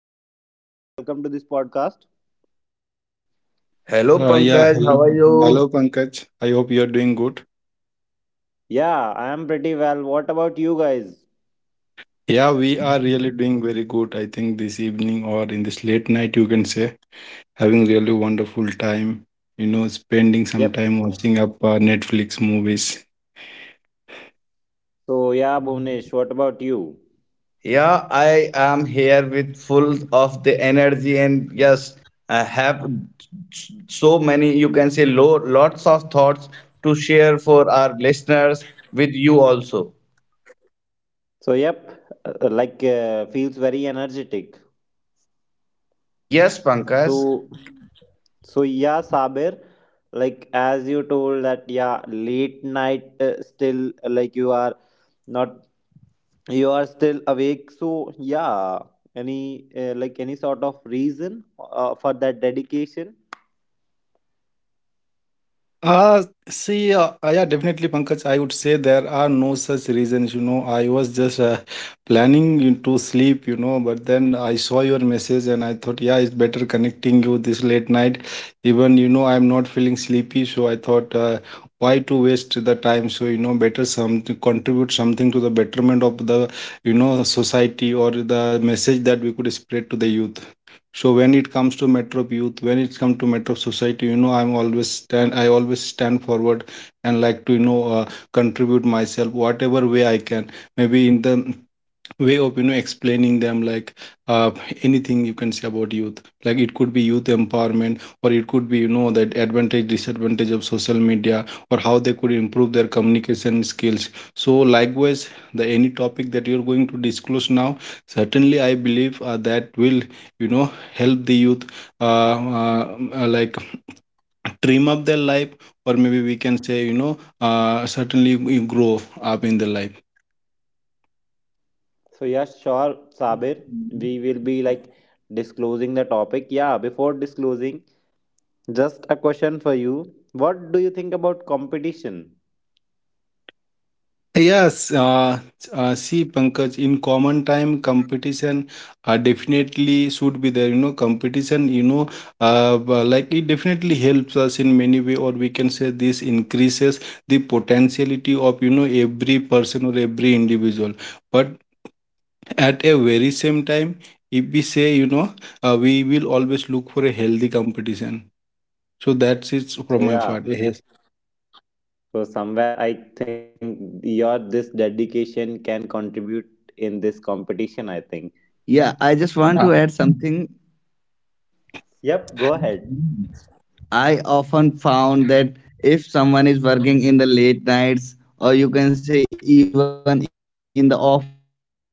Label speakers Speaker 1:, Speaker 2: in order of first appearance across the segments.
Speaker 1: hello Sabir, hey, welcome to this podcast.
Speaker 2: Hello
Speaker 3: Yeah,
Speaker 2: Pankaj, how are
Speaker 3: Hello.
Speaker 2: you?
Speaker 3: Hello, Pankaj. I hope you are doing good.
Speaker 1: Yeah, I am pretty well. What about you guys?
Speaker 3: Yeah, we are really doing very good. I think this evening or in this late night, you can say, having really wonderful time, spending some
Speaker 1: Yep.
Speaker 3: time watching up Netflix movies.
Speaker 1: So yeah, Bhunesh, what about you?
Speaker 2: Yeah, I am here with full of the energy. And yes, I have so many, you can say lo lots of thoughts to share for our listeners with you also.
Speaker 1: So yep, like feels very energetic.
Speaker 2: Yes, Pankaj.
Speaker 1: So so yeah, Sabir, like as you told that yeah, late night, still like you are not, you are still awake. So yeah, any like any sort of reason for that dedication?
Speaker 3: Uh, definitely, Pankaj. I would say there are no such reasons. I was just planning you to sleep, but then I saw your message and I thought, yeah, it's better connecting you this late night. Even, I'm not feeling sleepy, so I thought, why to waste the time? So, better some to contribute something to the betterment of the, society or the message that we could spread to the youth. So when it comes to Metro Youth, when it comes to Metro Society, I always stand forward and like to, contribute myself whatever way I can. Maybe in the way of explaining them like uh, anything you can say about youth, like it could be youth empowerment, or it could be, that advantage, disadvantage of social media, or how they could improve their communication skills. So likewise, the any topic that you're going to disclose now, certainly I believe that will, help the youth uh, uh, like trim up their life, or maybe we can say, certainly you grow up in the life.
Speaker 1: So yeah, sure, Sabir. We will be like disclosing the topic. Yeah, before disclosing, just a question for you. What do you think about competition?
Speaker 3: Yes, uh, see, Pankaj, in common time, competition definitely should be there. Competition, like it definitely helps us in many way, or we can say this increases the potentiality of, every person or every individual. But at a very same time, if we say, we will always look for a healthy competition. So that's it from
Speaker 1: So
Speaker 3: my part.
Speaker 1: yeah.
Speaker 3: Yes.
Speaker 1: So somewhere I think your this dedication can contribute in this competition, I think.
Speaker 2: Yeah, I just want to add something.
Speaker 1: Yep, go ahead.
Speaker 2: I often found that if someone is working in the late nights, or you can say even in the offices,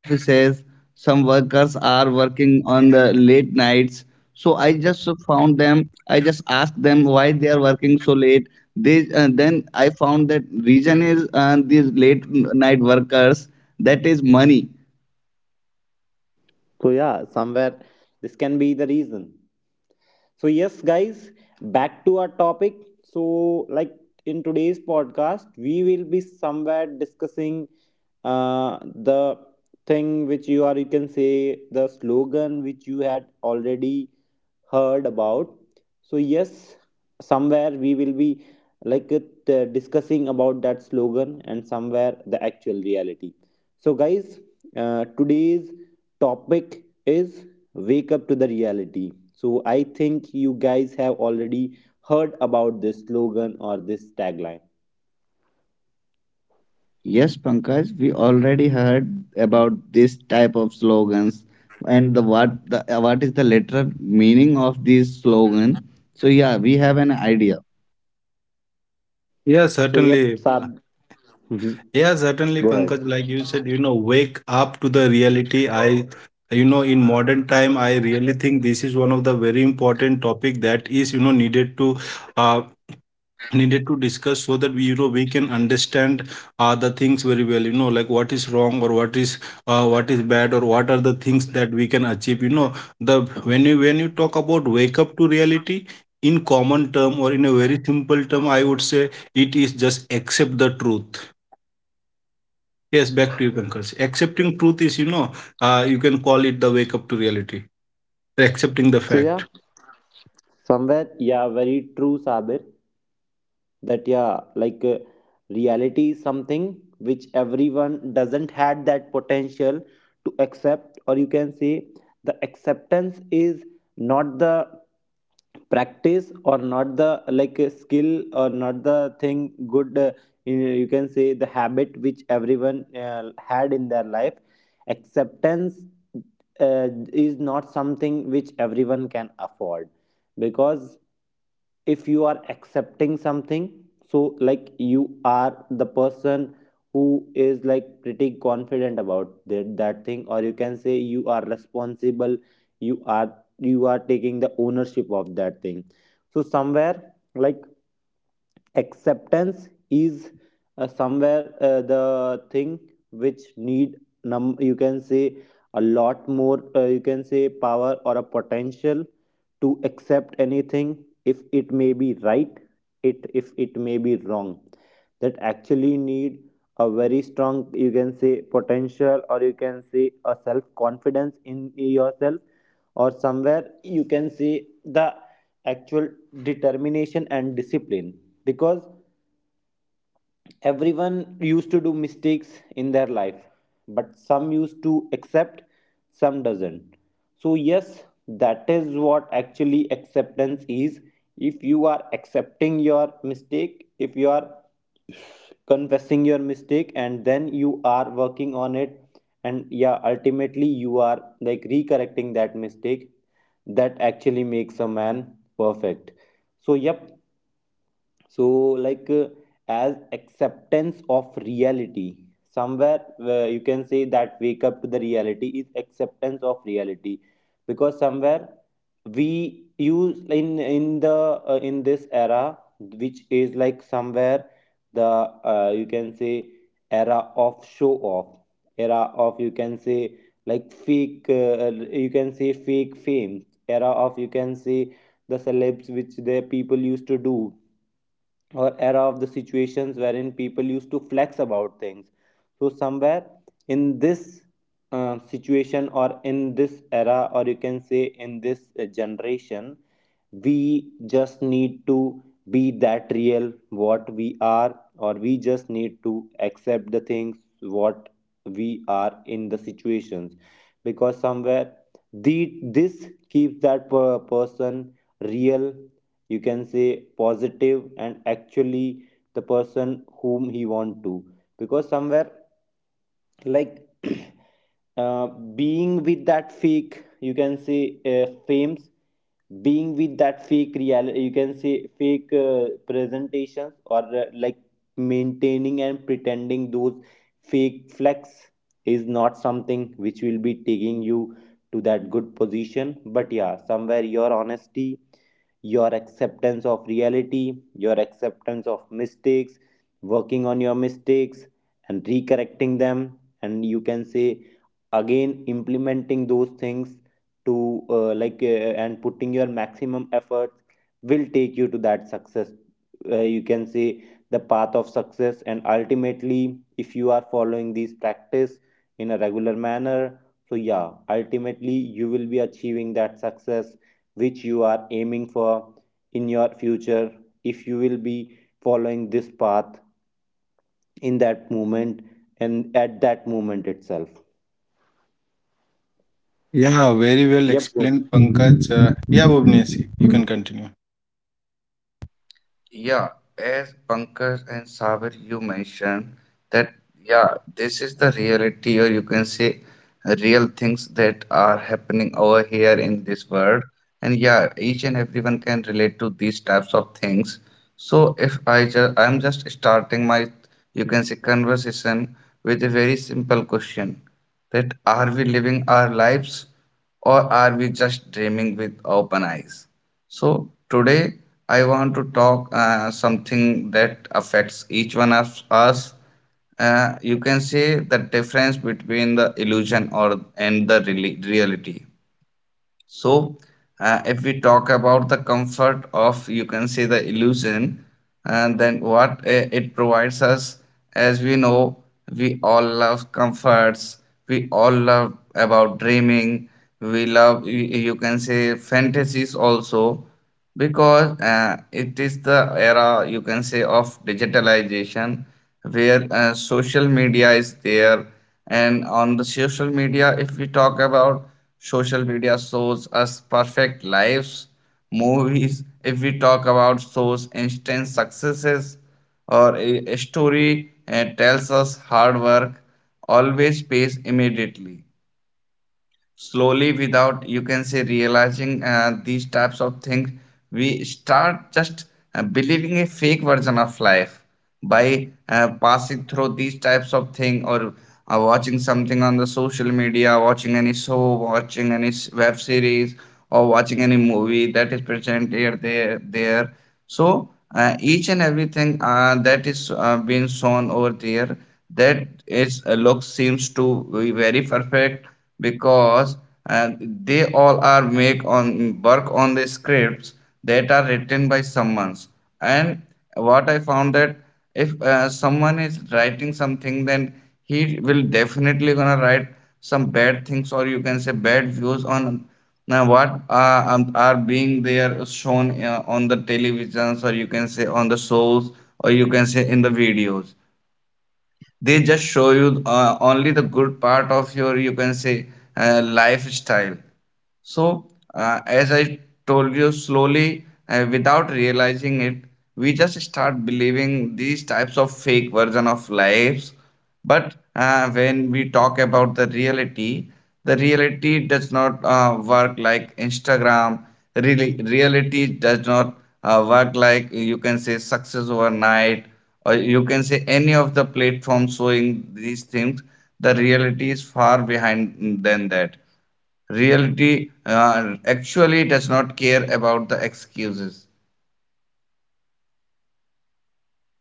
Speaker 2: some workers are working on the late nights. So I just found them. I just asked them why they are working so late. They Then I found that reason is these night workers, that is money.
Speaker 1: So yeah, somewhere this can be the reason. So, yes, guys, back to our topic. So, like in today's podcast, we will be somewhere discussing the thing which you are, you can say, the slogan which you had already heard about. So yes, somewhere we will be like discussing about that slogan and somewhere the actual reality. So guys, today's topic is wake up to the reality. So I think you guys have already heard about this slogan or this tagline.
Speaker 2: Yes, Pankaj, we already heard about this type of slogans and the what is the literal meaning of this slogan. So yeah, we have an idea.
Speaker 3: Yeah,
Speaker 1: So yep,
Speaker 3: certainly.
Speaker 1: Sab. Mhm.
Speaker 3: Yeah, certainly,
Speaker 1: Go ahead.
Speaker 3: Pankaj, like you said, wake up to the reality. In modern time, I really think this is one of the very important topic that is, needed to, uh, needed to discuss so that we, we can understand the things very well. Like what is wrong, or what is bad, or what are the things that we can achieve. You know, the when you talk about wake up to reality. In common term or in a very simple term, I would say it is just accept the truth. Yes, back to you, Pankaj. Accepting truth is, you can call it the wake up to reality, accepting the
Speaker 1: So yeah,
Speaker 3: fact.
Speaker 1: somewhere yeah, very true, Sabir, that yeah, like reality is something which everyone doesn't had that potential to accept, or you can say the acceptance is not the practice or not the like skill or not the thing good, you can say the habit which everyone had in their life. Acceptance, uh, is not something which everyone can afford, because if you are accepting something, so like you are the person who is like pretty confident about that, that thing, or you can say you are responsible, you are, you are taking the ownership of that thing. So somewhere like acceptance is, somewhere the thing which need, num you can say, a lot more, you can say power or a potential, to accept anything, if it may be right, it if it may be wrong, that actually need a very strong, you can say potential or you can say a self confidence in yourself, or somewhere you can see the actual determination and discipline, because everyone used to do mistakes in their life, but some used to accept, some doesn't. So, yes, that is what actually acceptance is. If you are accepting your mistake, if you are confessing your mistake, and then you are working on it, and yeah, ultimately you are like recorrecting that mistake, that actually makes a man perfect. So, yep, so like as acceptance of reality, somewhere where you can say that wake up to the reality is acceptance of reality, because somewhere we use in the, in this era, which is like somewhere the, you can say, era of show off, era of you can say, like fake, you can say fake fame, era of you can say the celebs which the people used to do, or era of the situations wherein people used to flex about things. So, somewhere in this situation, or in this era, or you can say in this generation, we just need to be that real what we are, or we just need to accept the things what we are in the situations, because somewhere the this keeps that per- person real, you can say positive, and actually the person whom he want to, because somewhere like being with that fake, you can say fames, being with that fake reality, you can say fake presentations, or like maintaining and pretending those fake flex is not something which will be taking you to that good position, but yeah, somewhere your honesty, your acceptance of reality, your acceptance of mistakes, working on your mistakes and recorrecting them, and you can say again implementing those things, to and putting your maximum efforts, will take you to that success, you can say the path of success, and ultimately, if you are following these practice in a regular manner, so yeah, ultimately you will be achieving that success which you are aiming for in your future, if you will be following this path in that moment, and at that moment itself.
Speaker 3: Yeah, very well
Speaker 1: Yep.
Speaker 3: explained, Pankaj. Yeah, Bhuvnesh, you can continue.
Speaker 2: Yeah, as Pankaj and Sabir, you mentioned that, yeah, this is the reality, or you can say real things that are happening over here in this world. And yeah, each and everyone can relate to these types of things. So if I just, I'm just starting my, you can say, conversation with a very simple question, that are we living our lives or are we just dreaming with open eyes? So today I want to talk something that affects each one of us. You can say the difference between the illusion or, and the reality. So if we talk about the comfort of, you can say, the illusion, and then what it provides us. As we know, we all love comforts. We all love about dreaming. We love you can say fantasies also, because it is the era, you can say, of digitalization, where social media is there. And on the social media, if we talk about, social media shows us perfect lives. Movies, if we talk about, shows instant successes. Or a story tells us hard work always pays immediately. Slowly, without, you can say, realizing these types of things, we start just believing a fake version of life, by passing through these types of thing, or watching something on the social media, watching any show, watching any web series, or watching any movie that is present here there there. So each and everything that is being shown over there, that its look seems to be very perfect, because they all are make on work on the scripts that are written by someone's. And what I found that if someone is writing something, then he will definitely gonna write some bad things, or you can say bad views on. Now what are being there shown on the televisions, or you can say on the shows, or you can say in the videos, they just show you only the good part of your, you can say, lifestyle. So, as I told you, slowly, without realizing it, we just start believing these types of fake version of lives. But when we talk about the reality does not work like Instagram. Really, reality does not work like, you can say, success overnight, or you can say any of the platforms showing these things. The reality is far behind than that. Reality actually does not care about the excuses.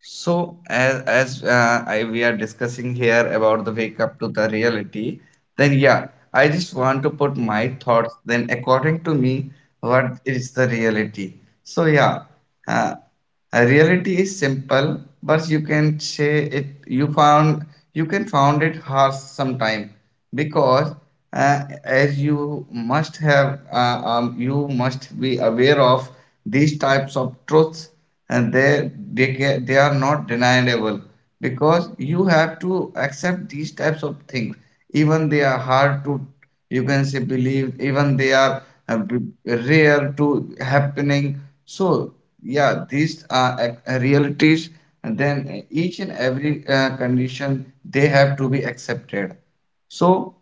Speaker 2: So as I, we are discussing here about the wake up to the reality, then yeah, I just want to put my thoughts. Then according to me, what is the reality? So yeah, uh, a reality is simple, but you can say it you found, you can found it harsh sometime, because as you must have you must be aware of these types of truths. And they are not deniable, because you have to accept these types of things, even they are hard to, you can say, believe, even they are uh, b- rare to happening. So yeah, these are realities, and then each and every condition, they have to be accepted. So,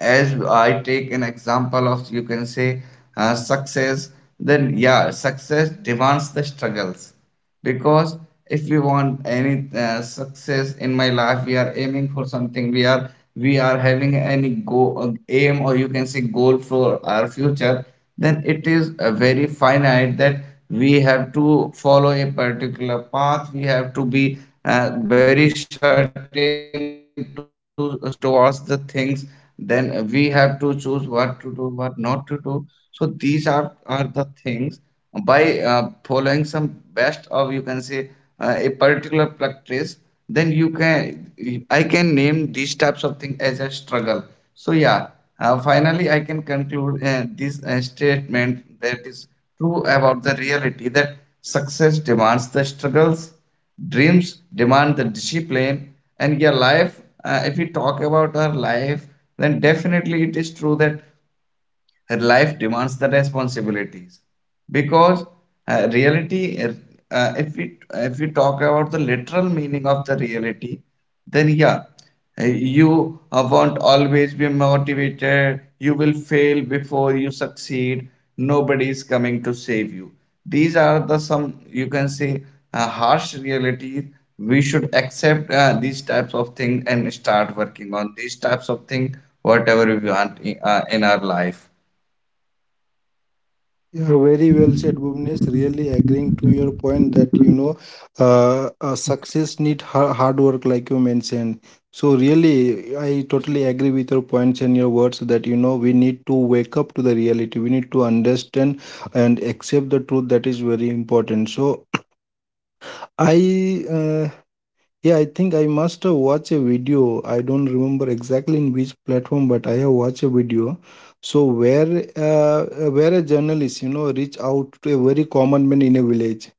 Speaker 2: as I take an example of, you can say, success, then yeah, success demands the struggles, because if we want any success in my life, we are aiming for something. We are having any go aim, or you can say goal, for our future. Then it is very finite that we have to follow a particular path. We have to be very certain to towards the things. Then we have to choose what to do, what not to do. So these are the things, by following some best of, you can say, a particular practice, then you can I can name these types of things as a struggle. So yeah, finally I can conclude this statement that is true about the reality, that success demands the struggles, dreams demand the discipline. And your life, if we talk about our life, then definitely it is true that her life demands the responsibilities. Because reality, if we talk about the literal meaning of the reality, then yeah, uh, you won't always be motivated, you will fail before you succeed, nobody is coming to save you. These are the some, you can say, harsh realities. We should accept these types of things and start working on these types of things, whatever we want in our life.
Speaker 3: Yeah, very well said, Bhuvnesh. Really agreeing to your point that success need hard work, like you mentioned. So really, I totally agree with your points and your words that we need to wake up to the reality. We need to understand and accept the truth. That is very important. So I yeah, I think I must have watched a video. I don't remember exactly in which platform, but I have watched a video. So where a journalist, reach out to a very common man in a village,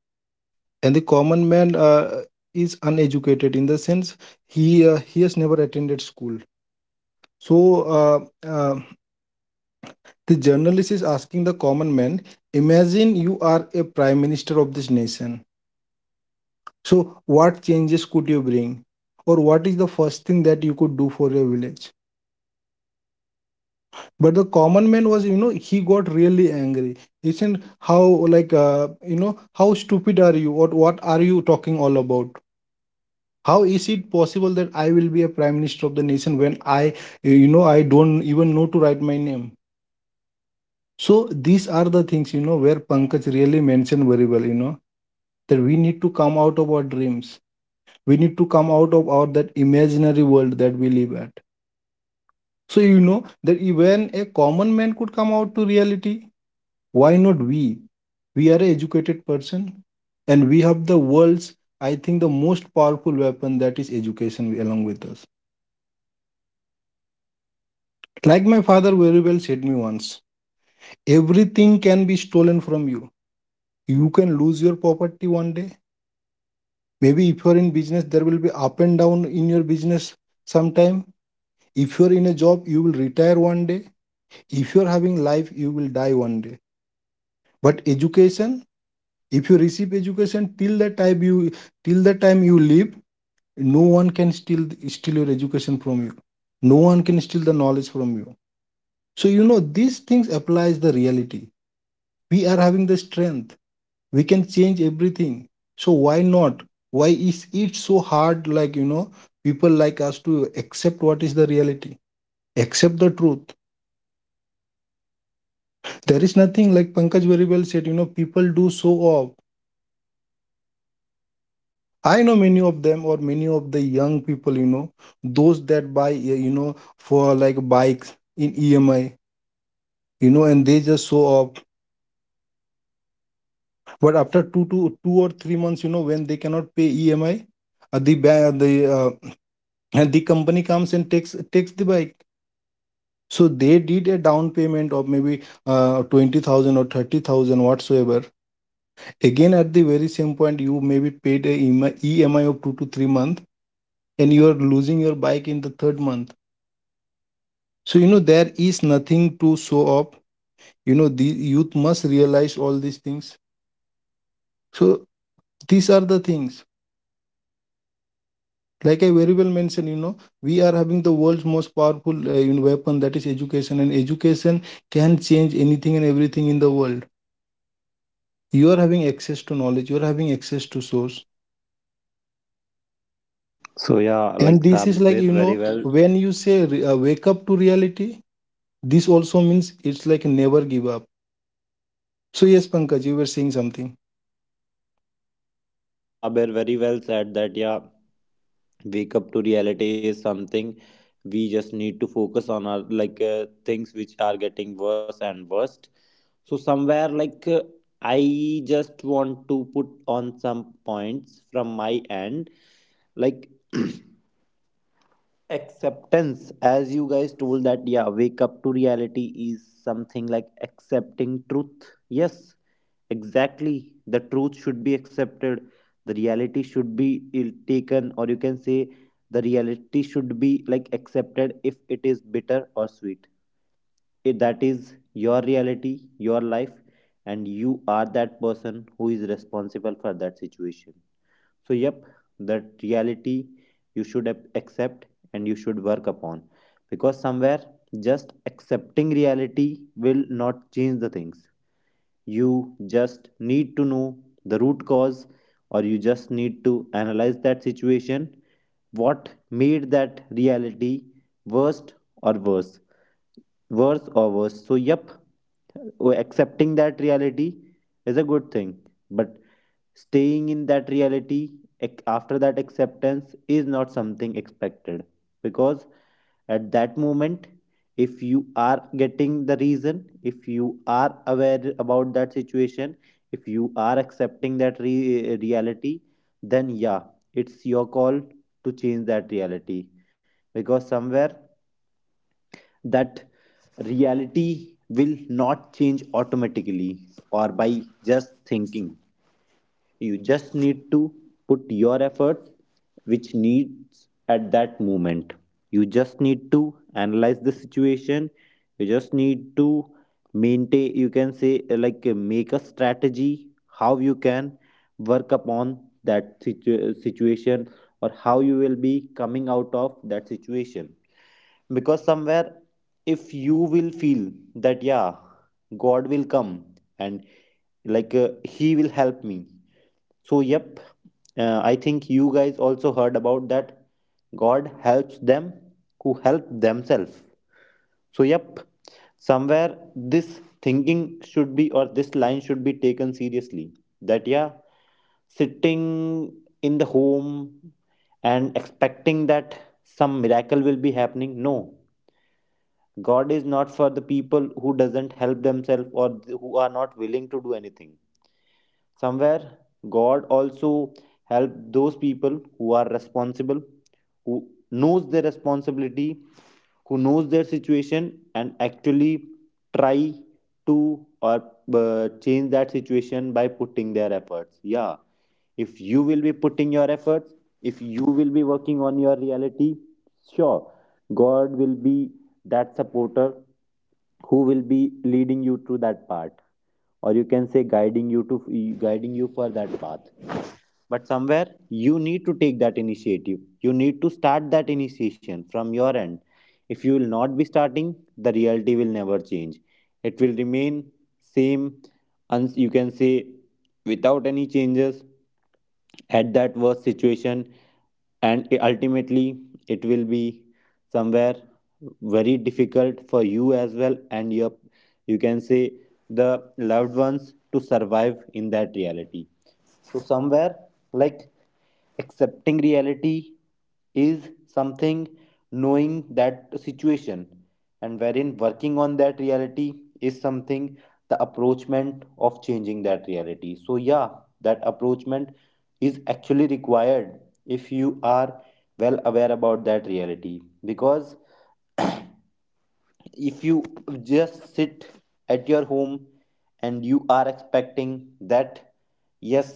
Speaker 3: and the common man is uneducated in the sense he has never attended school. So uh, uh, the journalist is asking the common man, imagine you are a prime minister of this nation. So, what changes could you bring? Or what is the first thing that you could do for your village? But the common man was, he got really angry. He said, how, like, how stupid are you? What are you talking all about? How is it possible that I will be a prime minister of the nation when I, I don't even know to write my name? So, these are the things, where Pankaj really mentioned very well, that we need to come out of our dreams. We need to come out of our that imaginary world that we live at. So you know that even a common man could come out to reality. Why not we? We are an educated person and we have the world's, I think, the most powerful weapon, that is education, along with us. Like my father very well said me once, everything can be stolen from you. You can lose your property one day. Maybe if you're in business, there will be up and down in your business sometime. If you're in a job, you will retire one day. If you're having life, you will die one day. But education, if you receive education till the time you live, no one can steal your education from you. No one can steal the knowledge from you. So you know these things applies the reality. We are having the strength. We can change everything. So why not? Why is it so hard, like, people like us to accept what is the reality? Accept the truth. There is nothing like Pankaj very well said, you know, people do show off. I know many of them, or many of the young people, those that buy, for like bikes in EMI, and they just show up. But after 2 or 3 months, when they cannot pay EMI, the ba- the and the company comes and takes the bike. So they did a down payment of maybe 20,000 or 30,000 whatsoever. Again, at the very same point, you maybe paid a EMI of two to three months, and you are losing your bike in the third month. So, there is nothing to show up. The youth must realize all these things. So, these are the things. Like I very well mentioned, we are having the world's most powerful weapon, that is education, and education can change anything and everything in the world. You are having access to knowledge, you are having access to source.
Speaker 1: So yeah, like
Speaker 3: And this is
Speaker 1: Sabir
Speaker 3: like,
Speaker 1: very well.
Speaker 3: when you say wake up to reality, this also means it's like never give up. So, yes, Pankaj, you were saying something.
Speaker 1: So yeah, Sabir very well said that yeah, wake up to reality is something, we just need to focus on our, like things which are getting worse and worst. So somewhere like, I just want to put on some points from my end, like. Acceptance, as you guys told, that yeah, wake up to reality is something like accepting truth. Yes, exactly, the truth should be accepted, the reality should be ill- taken, or you can say the reality should be like accepted if it is bitter or sweet. If that is your reality, your life, and you are that person who is responsible for that situation, so, yep, that reality you should ap- accept, and you should work upon, because somewhere just accepting reality will not change the things. You just need to know the root cause, or you just need to analyze that situation what made that reality worst or worse, worse or worse. So, yep, oh, accepting that reality is a good thing, but staying in that reality ac- after that acceptance is not something expected, because at that moment, if you are getting the reason, if you are aware about that situation, if you are accepting that re- reality, then yeah, it's your call to change that reality, because somewhere that reality will not change automatically or by just thinking. You just need to put your effort, which needs at that moment. You just need to analyze the situation. You just need to maintain, you can say, like make a strategy how you can work upon that situ- situation, or how you will be coming out of that situation. Because somewhere if you will feel that yeah, god will come and like he will help me, so yep, I think you guys also heard about that god helps them who help themselves. So yep, somewhere this thinking should be, or this line should be taken seriously, that yeah, sitting in the home and expecting that some miracle will be happening, no. God is not for the people who doesn't help themselves, or th- who are not willing to do anything. Somewhere god also help those people who are responsible, who knows their responsibility, who knows their situation and actually try to, or change that situation by putting their efforts. Yeah, if you will be putting your efforts, if you will be working on your reality, sure, god will be that supporter who will be leading you through that part, or you can say guiding you to, guiding you for that path. But somewhere you need to take that initiative. You need to start that initiation from your end. If you will not be starting, the reality will never change, it will remain same, and you can say without any changes at that worst situation, and ultimately it will be somewhere very difficult for you as well, and your, you can say the loved ones to survive in that reality. So somewhere like accepting reality is something, knowing that situation and wherein working on that reality is something, the approachment of changing that reality. So yeah, that approachment is actually required if you are well aware about that reality, because if you just sit at your home and you are expecting that yes,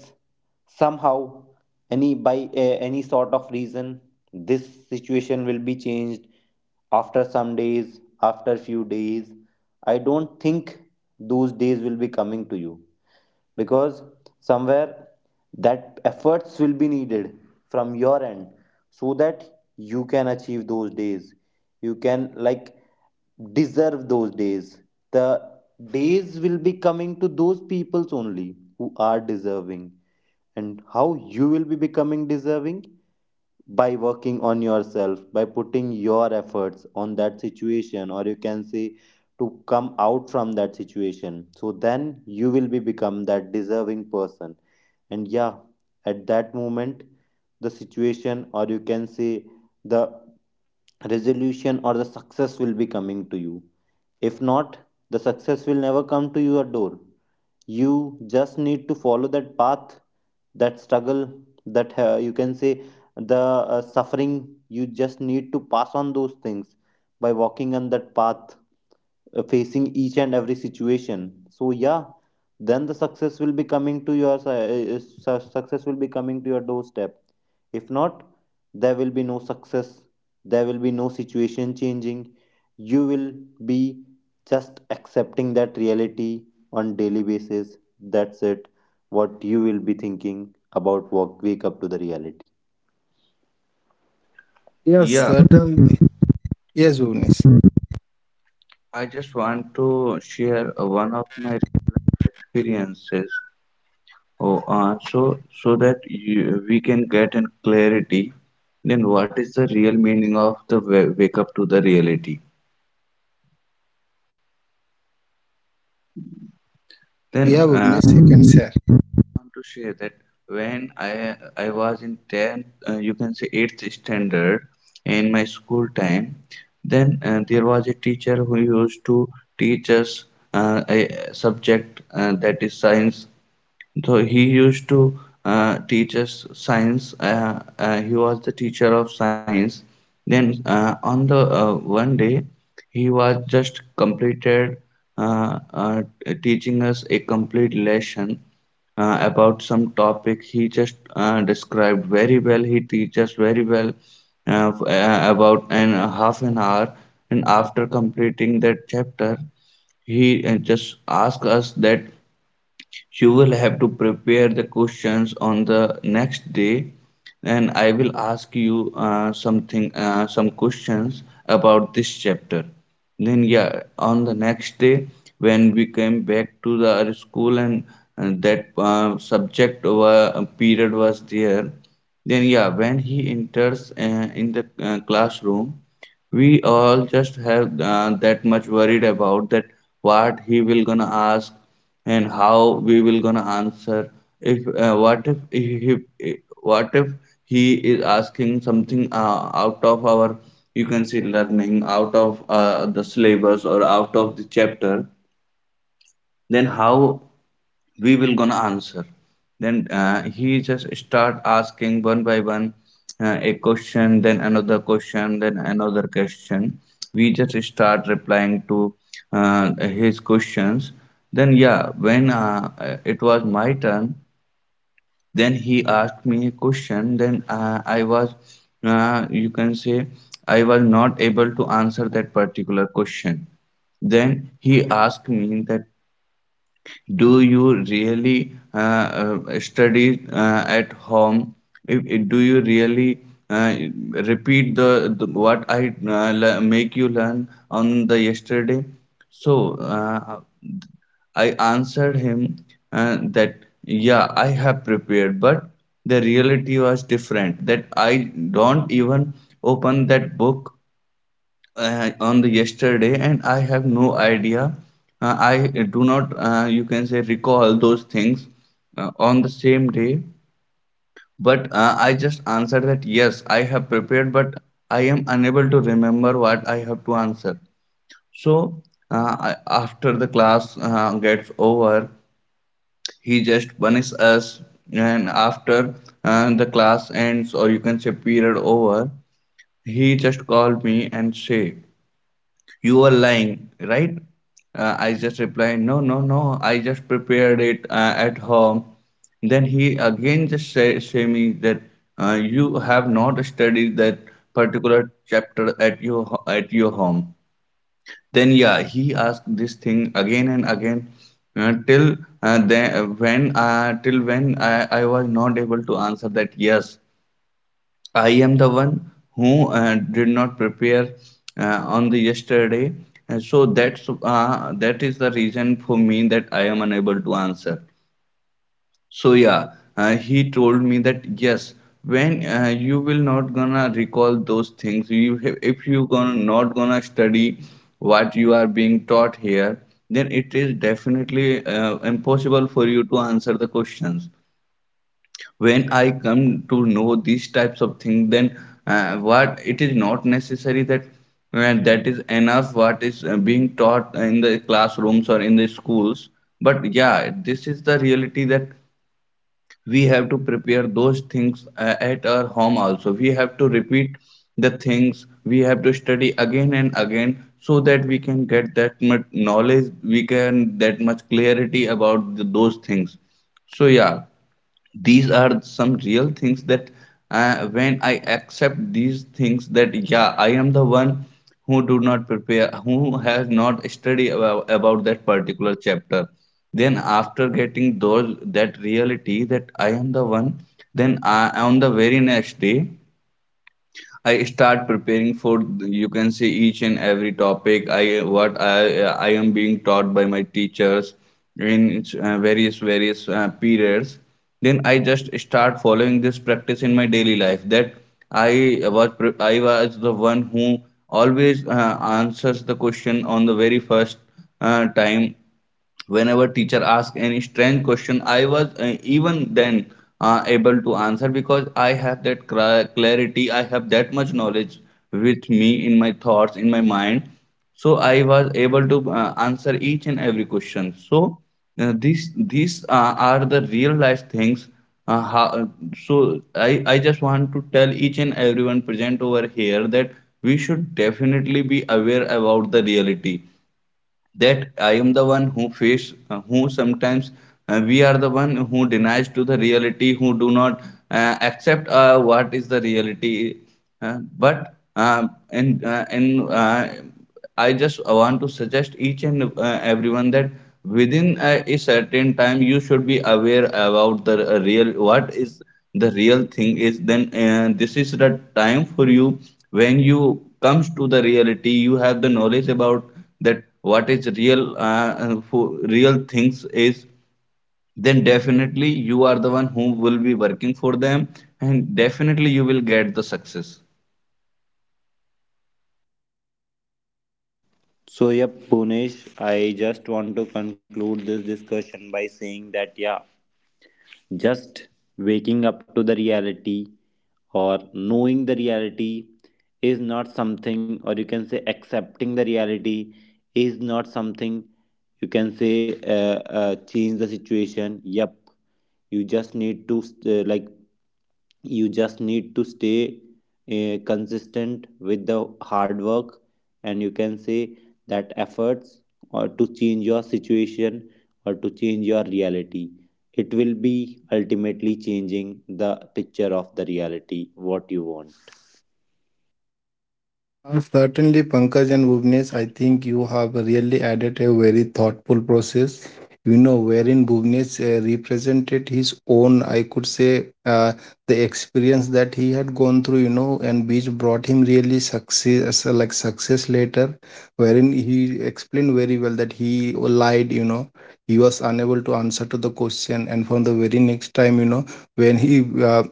Speaker 1: somehow, any by any sort of reason this situation will be changed after some days, after few days, I don't think those days will be coming to you, because somewhere that efforts will be needed from your end, so that you can achieve those days, you can like deserve those days. The days will be coming to those peoples only who are deserving, and how you will be becoming deserving, by working on yourself, by putting your efforts on that situation, or you can say to come out from that situation, so then you will be become that deserving person. And yeah, at that moment, the situation, or you can say the resolution or the success will be coming to you. If not, the success will never come to your door. You just need to follow that path, that struggle, that you can say the suffering, you just need to pass on those things by walking on that path, facing each and every situation. So yeah, then the success will be coming to your si- su- success will be coming to your doorstep. If not, there will be no success, there will be no situation changing, you will be just accepting that reality on daily basis, that's it, what you will be thinking about walk wake up to the reality.
Speaker 3: Yes,
Speaker 2: Yeah,
Speaker 3: certainly. Yes, Bhuvnesh.
Speaker 2: I just want to share one of my real experiences. Oh, so, so that you, we can get in clarity. Then what is the real meaning of the wake up to the reality? Then
Speaker 3: Yeah,
Speaker 2: I
Speaker 3: Bhuvnesh, you can share.
Speaker 2: want to share that when I was in 10th, you can say 8th standard, in my school time. Then there was a teacher who used to teach us a subject that is science. So he used to teach us science. He was the teacher of science. Then on the one day, he was just completed uh, uh, teaching us a complete lesson about some topic. He just described very well. He teaches very well uh, f- about an half an hour. And after completing that chapter, he just asked us that you will have to prepare the questions on the next day, and I will ask you something, some questions about this chapter. Then, yeah, on the next day, when we came back to the our school, and that period was there, then, yeah, when he enters in the classroom, we all just have that much worried about that, what he will gonna ask and how we will gonna answer. If what if he- eh, what if he is asking something out of our, you can say, learning, out of the syllabus or out of the chapter, then how we will gonna answer. Then he just start asking one by one a question, then another question, then another question. We just start replying to his questions. Then yeah, when it was my turn, then he asked me a question. Then I was you can say I was not able to answer that particular question. Then he asked me that, do you really study at home? Do you really uh, repeat the what I make you learn on the yesterday? So I answered him that yeah, I have prepared, but the reality was different. That I don't even open that book on the yesterday, and I have no idea. I do not, you can say, recall those things on the same day, but I just answered that yes, I have prepared, but I am unable to remember what I have to answer. So I, after the class gets over, he just punishes us. And after the class ends, or you can say period over, he just called me and say, you are lying, right? I just replied, no, no, no, I just prepared it at home. Then he again just say me that you have not studied that particular chapter at your home. Then yeah, he asked this thing again and again till then when till when I was not able to answer that yes, I am the one who did not prepare on the yesterday. And so that is the reason for me that I am unable to answer. So yeah, he told me that yes, when you will not gonna recall those things, you have, if you gonna not gonna study what you are being taught here, then it is definitely impossible for you to answer the questions. When I come to know these types of things, then what it is not necessary that that is enough what is being taught in the classrooms or in the schools. But yeah, this is the reality, that we have to prepare those things, at our home also we have to repeat the things, we have to study again and again, so that we can get that much knowledge, we can that much clarity about those things. So yeah, these are some real things, that when I accept these things that yeah, I am the one who do not prepare, who has not studied about that particular chapter. Then after getting those, that reality, that I am the one, then on the very next day I start preparing for, you can say, each and every topic, I what I am being taught by my teachers in various periods. Then I just start following this practice in my daily life, that I was the one who always answers the question on the very first time. Whenever teacher asked any strange question, I was even then able to answer, because I have that clarity, I have that much knowledge with me, in my thoughts, in my mind. So I was able to answer each and every question. So these are the real life things. Uh, how, uh, so I just want to tell each and everyone present over here that we should definitely be aware about the reality, that I am the one who face, who sometimes, we are the one who denies to the reality, who do not accept what is the reality. But and I just want to suggest each and everyone that within a certain time you should be aware about the real what is the real thing is. Then this is the time for you when you comes to the reality. You have the knowledge about that what is real, and real things is, then definitely you are the one who will be working for them, and definitely you will get the success.
Speaker 1: So, yep, Bhunesh, I just want to conclude this discussion by saying that, yeah, just waking up to the reality, or knowing the reality is not something, or you can say accepting the reality is not something, you can say change the situation. Yep, you just need to like you just need to stay consistent with the hard work, and you can say that efforts, or to change your situation, or to change your reality, it will be ultimately changing the picture of the reality what you want.
Speaker 3: Certainly, Pankaj and Bhuvnesh, I think you have really added a very thoughtful process. Wherein Bhuvnesh represented his own, I could say, the experience that he had gone through. And which brought him really success, like success later. Wherein he explained very well that he lied. He was unable to answer to the question, and from the very next time, when he uh,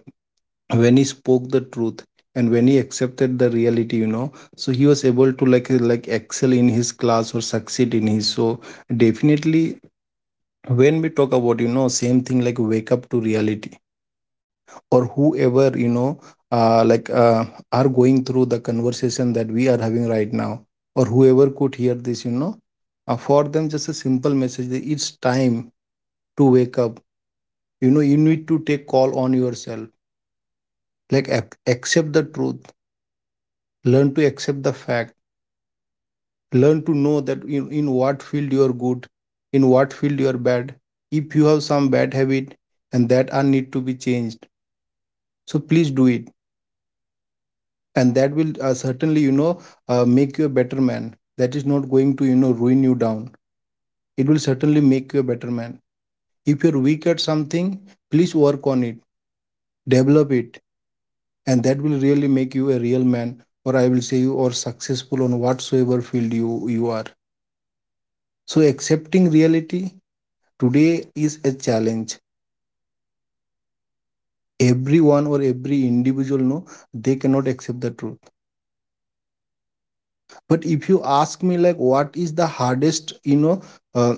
Speaker 3: when he spoke the truth, and when he accepted the reality, you know, so he was able to like excel in his class, or succeed in his. So definitely, when we talk about, you know, same thing like wake up to reality, or whoever, uh, like uh, are going through the conversation that we are having right now, or whoever could hear this, for them, just a simple message, that it's time to wake up. You know, you need to take call on yourself. Like accept the truth, learn to accept the fact, learn to know that in what field you are good, in what field you are bad. If you have some bad habit and that are need to be changed, so please do it. And that will certainly, make you a better man. That is not going to, you know, ruin you down. It will certainly make you a better man. If you're weak at something, please work on it, develop it, and that will really make you a real man. Or I will say you are successful on whatsoever field you are. So accepting reality today is a challenge. Everyone or every individual know they cannot accept the truth. But if you ask me, like, what is the hardest, uh,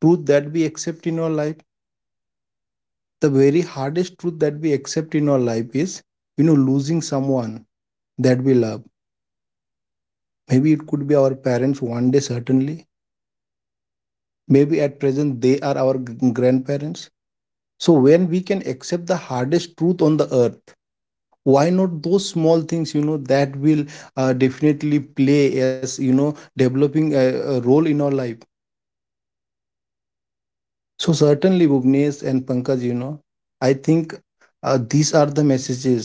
Speaker 3: truth that we accept in our life? The very hardest truth that we accept in our life is, losing someone that we love. Maybe it could be our parents one day, certainly. Maybe at present they are our grandparents. So when we can accept the hardest truth on the earth, why not those small things, that will definitely play as, you know, developing a role in our life. So certainly, Bhuvnesh and Pankaj, I think these are the messages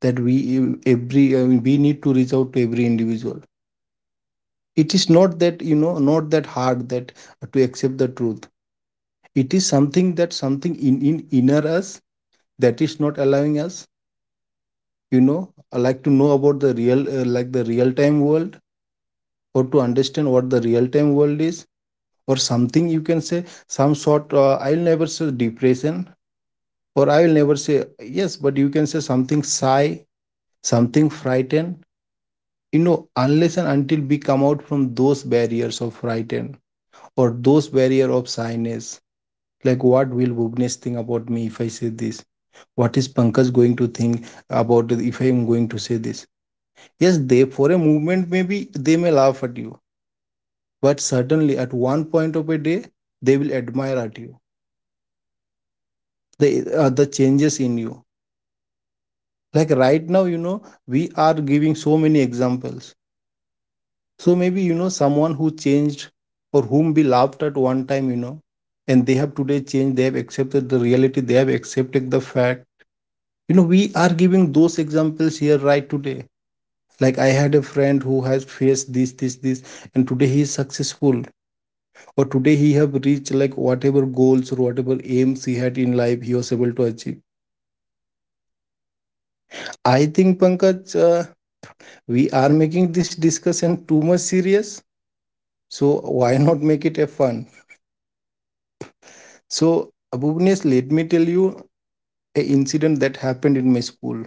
Speaker 3: that every, I mean, we need to reach out to every individual. It is not that, not that hard that to accept the truth. It is something that something in inner us that is not allowing us. You know, I like to know about the real, like, the real time world, or to understand what the real time world is, or something you can say, some sort, I will never say depression, or I will never say yes, but you can say something sigh, something frightened. You know, unless and until we come out from those barriers of frightened, or those barrier of shyness, like what will Bhuvnesh think about me if I say this, what is Pankaj going to think about it if I am going to say this. Yes, they for a moment maybe, they may laugh at you, but certainly at one point of a day they will admire at you, the the changes in you. Like right now, you know, we are giving so many examples. So maybe you know someone who changed, or whom we laughed at one time, you know, and they have today changed, they have accepted the reality, they have accepted the fact. You know, we are giving those examples here right today. Like, I had a friend who has faced this, and today he is successful. But today he have reached, like, whatever goals or whatever aims he had in life he was able to achieve. I think, Pankaj, we are making this discussion too much serious. So why not make it a fun? So Abhuvnesh, let me tell you a incident that happened in my school.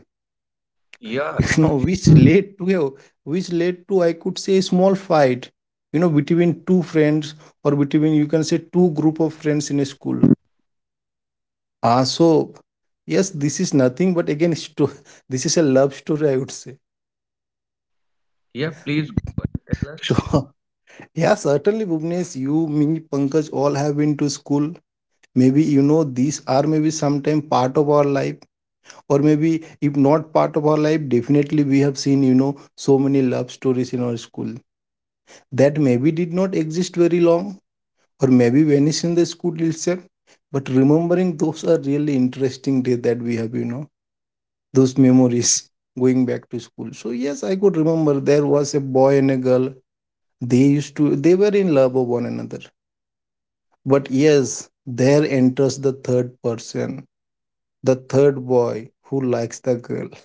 Speaker 2: Yeah,
Speaker 3: You know, which led to, I could say, a small fight, you know, between two friends, or between, you can say, two group of friends in a school. Ah, so yes, this is nothing but again, this is a love story, I would say.
Speaker 2: yeah, please go and tell
Speaker 3: So,
Speaker 2: us.
Speaker 3: yeah, certainly, Bhuvnesh, you, me, Pankaj, all have been to school. Maybe, you know, these are maybe sometime part of our life, or maybe if not part of our life, definitely we have seen, you know, so many love stories in our school that maybe did not exist very long, or maybe vanished in the school itself. But remembering those are really interesting days that we have, you know, those memories, going back to school. So yes, I could remember there was a boy and a girl. They used to they were in love of one another. But yes, there enters the third person, the third boy who likes the girl.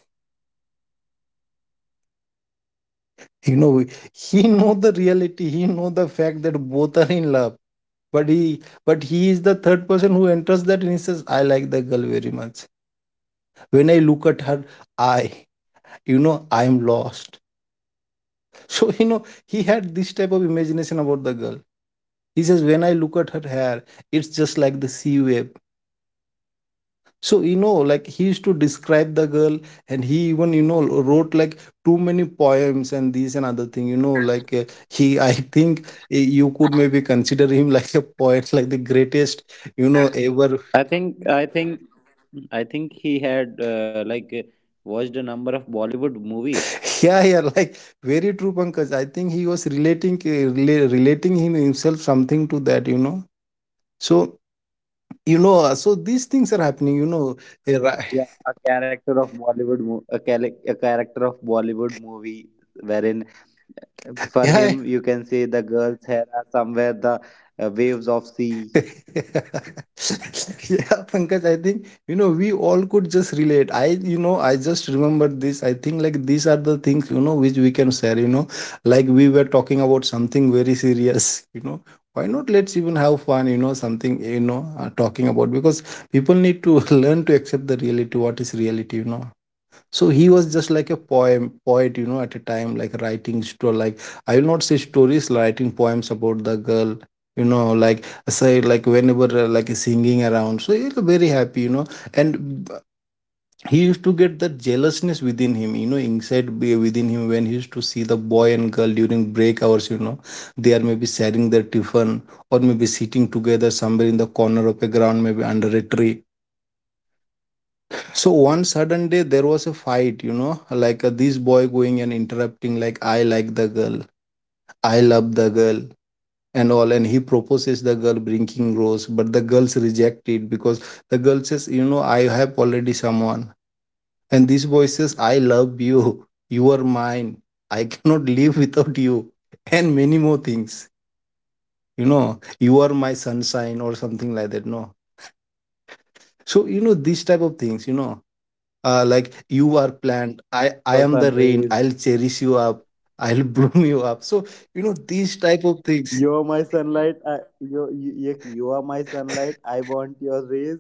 Speaker 3: You know, he know the reality. He know the fact that both are in love. But he is the third person who enters that and he says, I like the girl very much. When I look at her, I, I am lost. So, you know, he had this type of imagination about the girl. He says, when I look at her hair, it's just like the sea wave. So, you know, like he used to describe the girl, and he even, you know, wrote like too many poems and these and other thing, you know, I think, you could maybe consider him like a poet, like the greatest, you know, ever.
Speaker 1: I think I think he had watched a number of Bollywood movies.
Speaker 3: Yeah, yeah, like very true, Pankaj. I think he was relating him himself something to that, you know. So, you know, so these things are happening, you know. uh, ri-
Speaker 1: Yeah, a character of Bollywood mo-, a, cal- a character of Bollywood movie, wherein for
Speaker 3: Yeah, right.
Speaker 1: him you can say the girl's hair are somewhere the waves of sea.
Speaker 3: Yeah, Pankaj, I think, you know, we all could just relate. I just remember this. I think like these are the things, you know, which we can share, you know, like we were talking about something very serious, you know. Why not let's even have fun, you know, something, you know, talking about, because people need to learn to accept the reality, what is reality, you know. So he was just like a poem poet, you know, at a time, like writing like, I will not say stories, writing poems about the girl, you know, like, say like whenever, like singing around, so he's very happy, you know. And b- he used to get that jealousness within him, you know, inside, within him, when he used to see the boy and girl during break hours, you know, they are maybe sharing their tiffin, or maybe sitting together somewhere in the corner of a ground, maybe under a tree. So one sudden day there was a fight, you know, like this boy going and interrupting, like, I like the girl, I love the girl, and all, and he proposes the girl bringing rose, but the girls reject it because the girl says, you know, I have already someone, and this boy says, I love you, you are mine, I cannot live without you, and many more things, you know, you are my sunshine or something like that. No, so you know, these type of things, you know, like, you are plant,
Speaker 1: I
Speaker 3: i
Speaker 1: want
Speaker 3: i
Speaker 1: your
Speaker 3: am the
Speaker 1: sun
Speaker 3: rain,
Speaker 1: rays.
Speaker 3: I'll cherish you up, I'll bloom you up. So you know, these type of things.
Speaker 1: You're my sunlight. You you are my sunlight, I want your rays.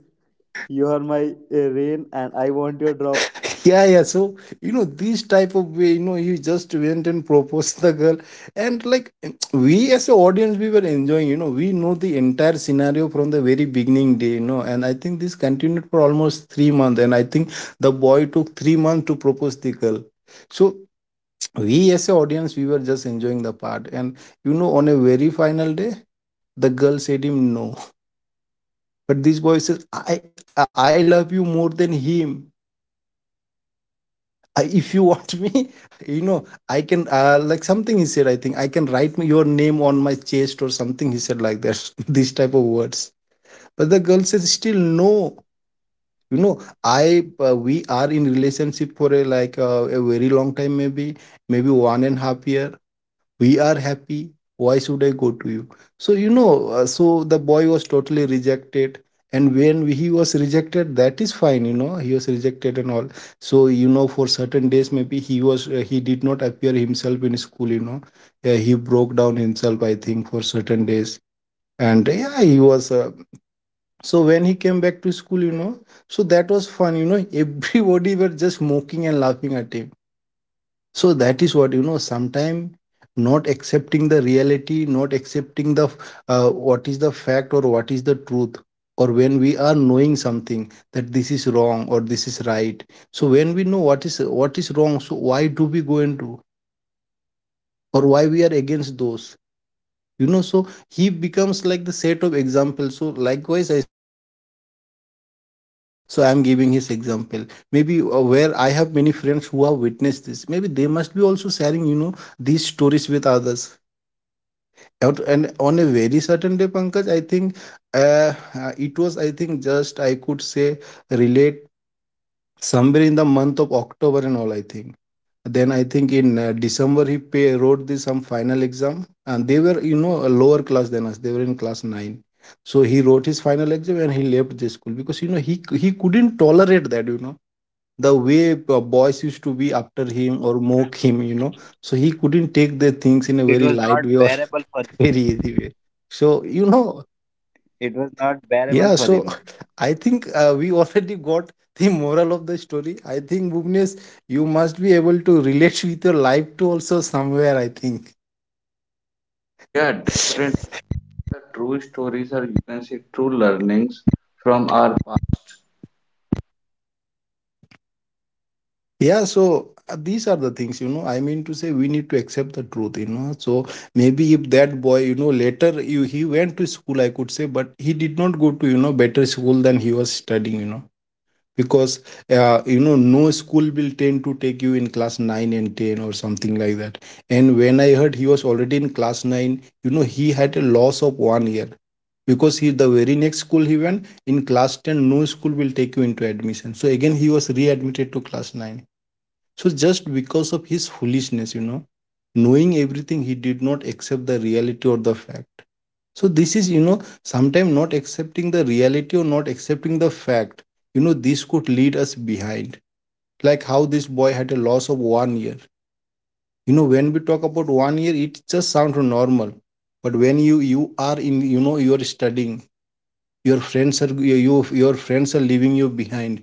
Speaker 1: You are my rain, and I want your droplets.
Speaker 3: Yeah, yeah, so you know, these type of way, you know, you just went and proposed the girl, and like, we as an audience, we were enjoying, you know, we know the entire scenario from the very beginning day, you know, and I think this continued for almost 3 months, and I think the boy took 3 months to propose the girl. So we as a audience, we were just enjoying the part, and you know, on a very final day, the girl said him no. But this boy says, I love you more than him. If you want me, you know, I can, like, something he said, I think, I can write your name on my chest, or something he said like that. This type of words. But the girl says still no, you know. I We are in relationship for a, a very long time, maybe. Maybe one and half year. We are happy. Why should I go to you? So you know, so the boy was totally rejected. And when he was rejected, that is fine, you know, he was rejected and all. So you know, for certain days maybe he did not appear himself in school, you know. He broke down himself, I think, for certain days. And yeah, he was so when he came back to school, you know, so that was fun, you know. Everybody were just mocking and laughing at him. So that is what, you know, sometimes, not accepting the reality, not accepting the, what is the fact, or what is the truth, or when we are knowing something that this is wrong or this is right. So when we know what is wrong, so why do we go into, or why we are against those. You know, so he becomes like the set of examples. So likewise, I said, no, today we are sitting here, so I am giving his example. Maybe, where I have many friends who have witnessed this, maybe they must be also sharing, you know, these stories with others. And on a very certain day, Pankaj, I think, uh, it was, I think, just, I could say, relate, somewhere in the month of October and all, I think. Then I think in December he wrote this some final exam, and they were, you know, a lower class than us. They were in class 9, so he wrote his final exam and he left the school because you know he couldn't tolerate that, you know, the way boys used to be after him or mock him, you know. So he couldn't take the things in a
Speaker 1: It
Speaker 3: very
Speaker 1: was
Speaker 3: light
Speaker 1: not
Speaker 3: way or
Speaker 1: bearable for him.
Speaker 3: very easy way. So you know,
Speaker 1: It was not bearable
Speaker 3: yeah,
Speaker 1: for
Speaker 3: so
Speaker 1: him.
Speaker 3: I think we already got the moral of the story. I think, Bhuvnesh, you must be able to relate with your life to also somewhere, I think.
Speaker 2: Yeah, definitely, the true stories are, you can say, true learnings from our past.
Speaker 3: Yeah, so these are the things, you know. I mean to say, we need to accept the truth, you know. So maybe if that boy, you know, later he went to school, I could say, but he did not go to, you know, better school than he was studying, you know, because you know, no school will tend to take you in class 9 and 10 or something like that. And when I heard he was already in class 9, you know, he had a loss of one year. Because he, the very next school he went in class 10, no school will take you into admission, so again he was readmitted to class 9. So just because of his foolishness, you know, knowing everything, he did not accept the reality or the fact. So this is, you know, sometimes not accepting the reality or not accepting the fact, you know, this could lead us behind, like how this boy had a loss of one year. You know, when we talk about one year, it just sounds normal. But when you are in, you know, you are studying, your friends are you your friends are leaving you behind.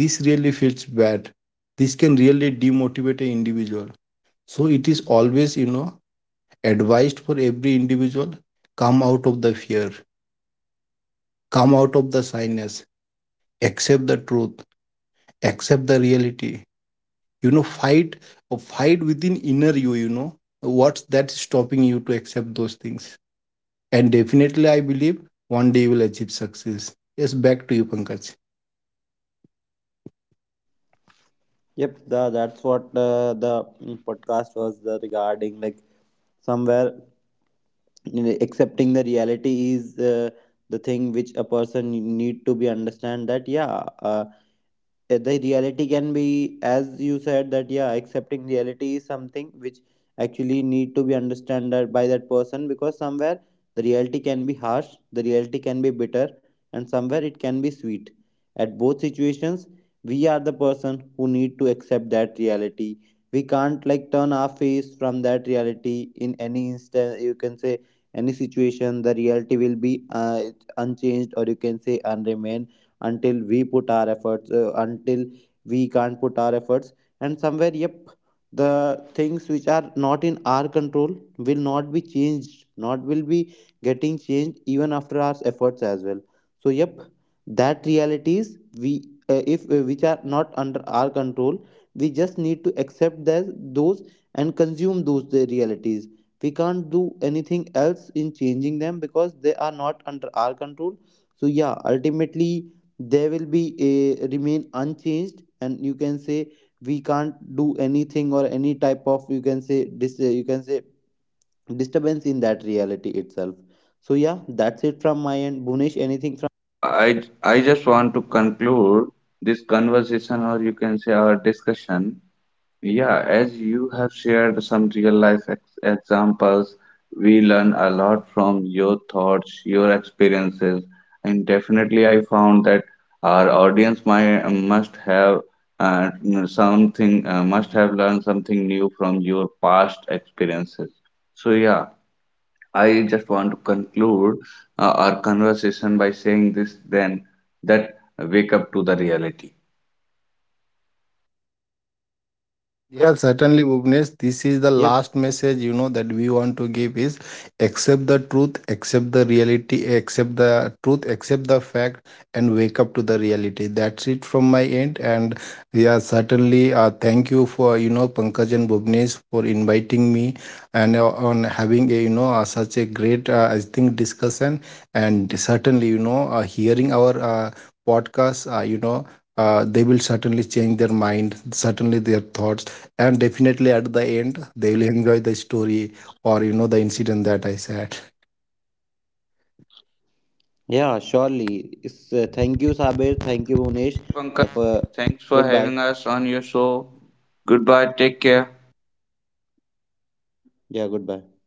Speaker 3: This really feels bad. This can really demotivate an individual. So it is always, you know, advised for every individual, come out of the fear, come out of the shyness, accept the truth, accept the reality, you know, fight or fight within inner you, you know, what's that stopping you to accept those things. And definitely I believe one day you will achieve success. Yes, back to you, Pankaj.
Speaker 1: Yep, the, that's what the, mm, podcast was the regarding. Like somewhere you know, accepting the reality is, the thing which a person need to be understand that yeah, the reality can be, as you said that yeah, accepting reality is something which actually need to be understood that- by that person, because somewhere the reality can be harsh, the reality can be bitter, and somewhere it can be sweet. At both situations, we are the person who need to accept that reality, we can't like turn our face from that reality, in any instant, you can say any situation the reality will be uh, unchanged, or you can say unremain, until we put our efforts, until we can't put our efforts. And somewhere yep, the things which are not in our control will not be changed, not will be getting changed even after our efforts as well. So yep, that realities we, if which are not under our control, we just need to accept that those, and consume those the realities, we can't do anything else in changing them, because they are not under our control. So yeah, ultimately they will be remain unchanged, and you can say we can't do anything or any type of, you can say dis-, you can say disturbance in that reality itself. So yeah, that's it from my end, Bhunesh, anything from you?
Speaker 2: Yeah, i I just want to conclude this conversation, or you can say our discussion. Yeah, as you have shared some real life ex examples, we learn a lot from your thoughts, your experiences, and definitely I found that our audience might must have uh, something must have learned something new from your past experiences. So yeah, I just want to conclude our conversation by saying this, then, that wake up to the reality.
Speaker 3: Yeah, certainly, Bhuvnesh. This is the
Speaker 1: Yep.
Speaker 3: last message, you know, that we want to give is accept the truth, accept the reality, accept the truth, accept the fact, and wake up to the reality. That's it from my end. And yeah, certainly, thank you for you know Pankaj and Bhuvnesh for inviting me, and on having a, you know, such a great, I think, discussion. And certainly, you know, hearing our podcast, you know. They will certainly change their mind, certainly their thoughts, and definitely at the end they will enjoy the story, or you know, the incident that I said.
Speaker 1: Yeah, surely it's, thank you Sabir, thank you Bhunesh,
Speaker 2: Pankaj,
Speaker 1: for
Speaker 2: thanks for
Speaker 1: goodbye.
Speaker 2: having us on your show. Goodbye, take care.
Speaker 1: Yeah, goodbye.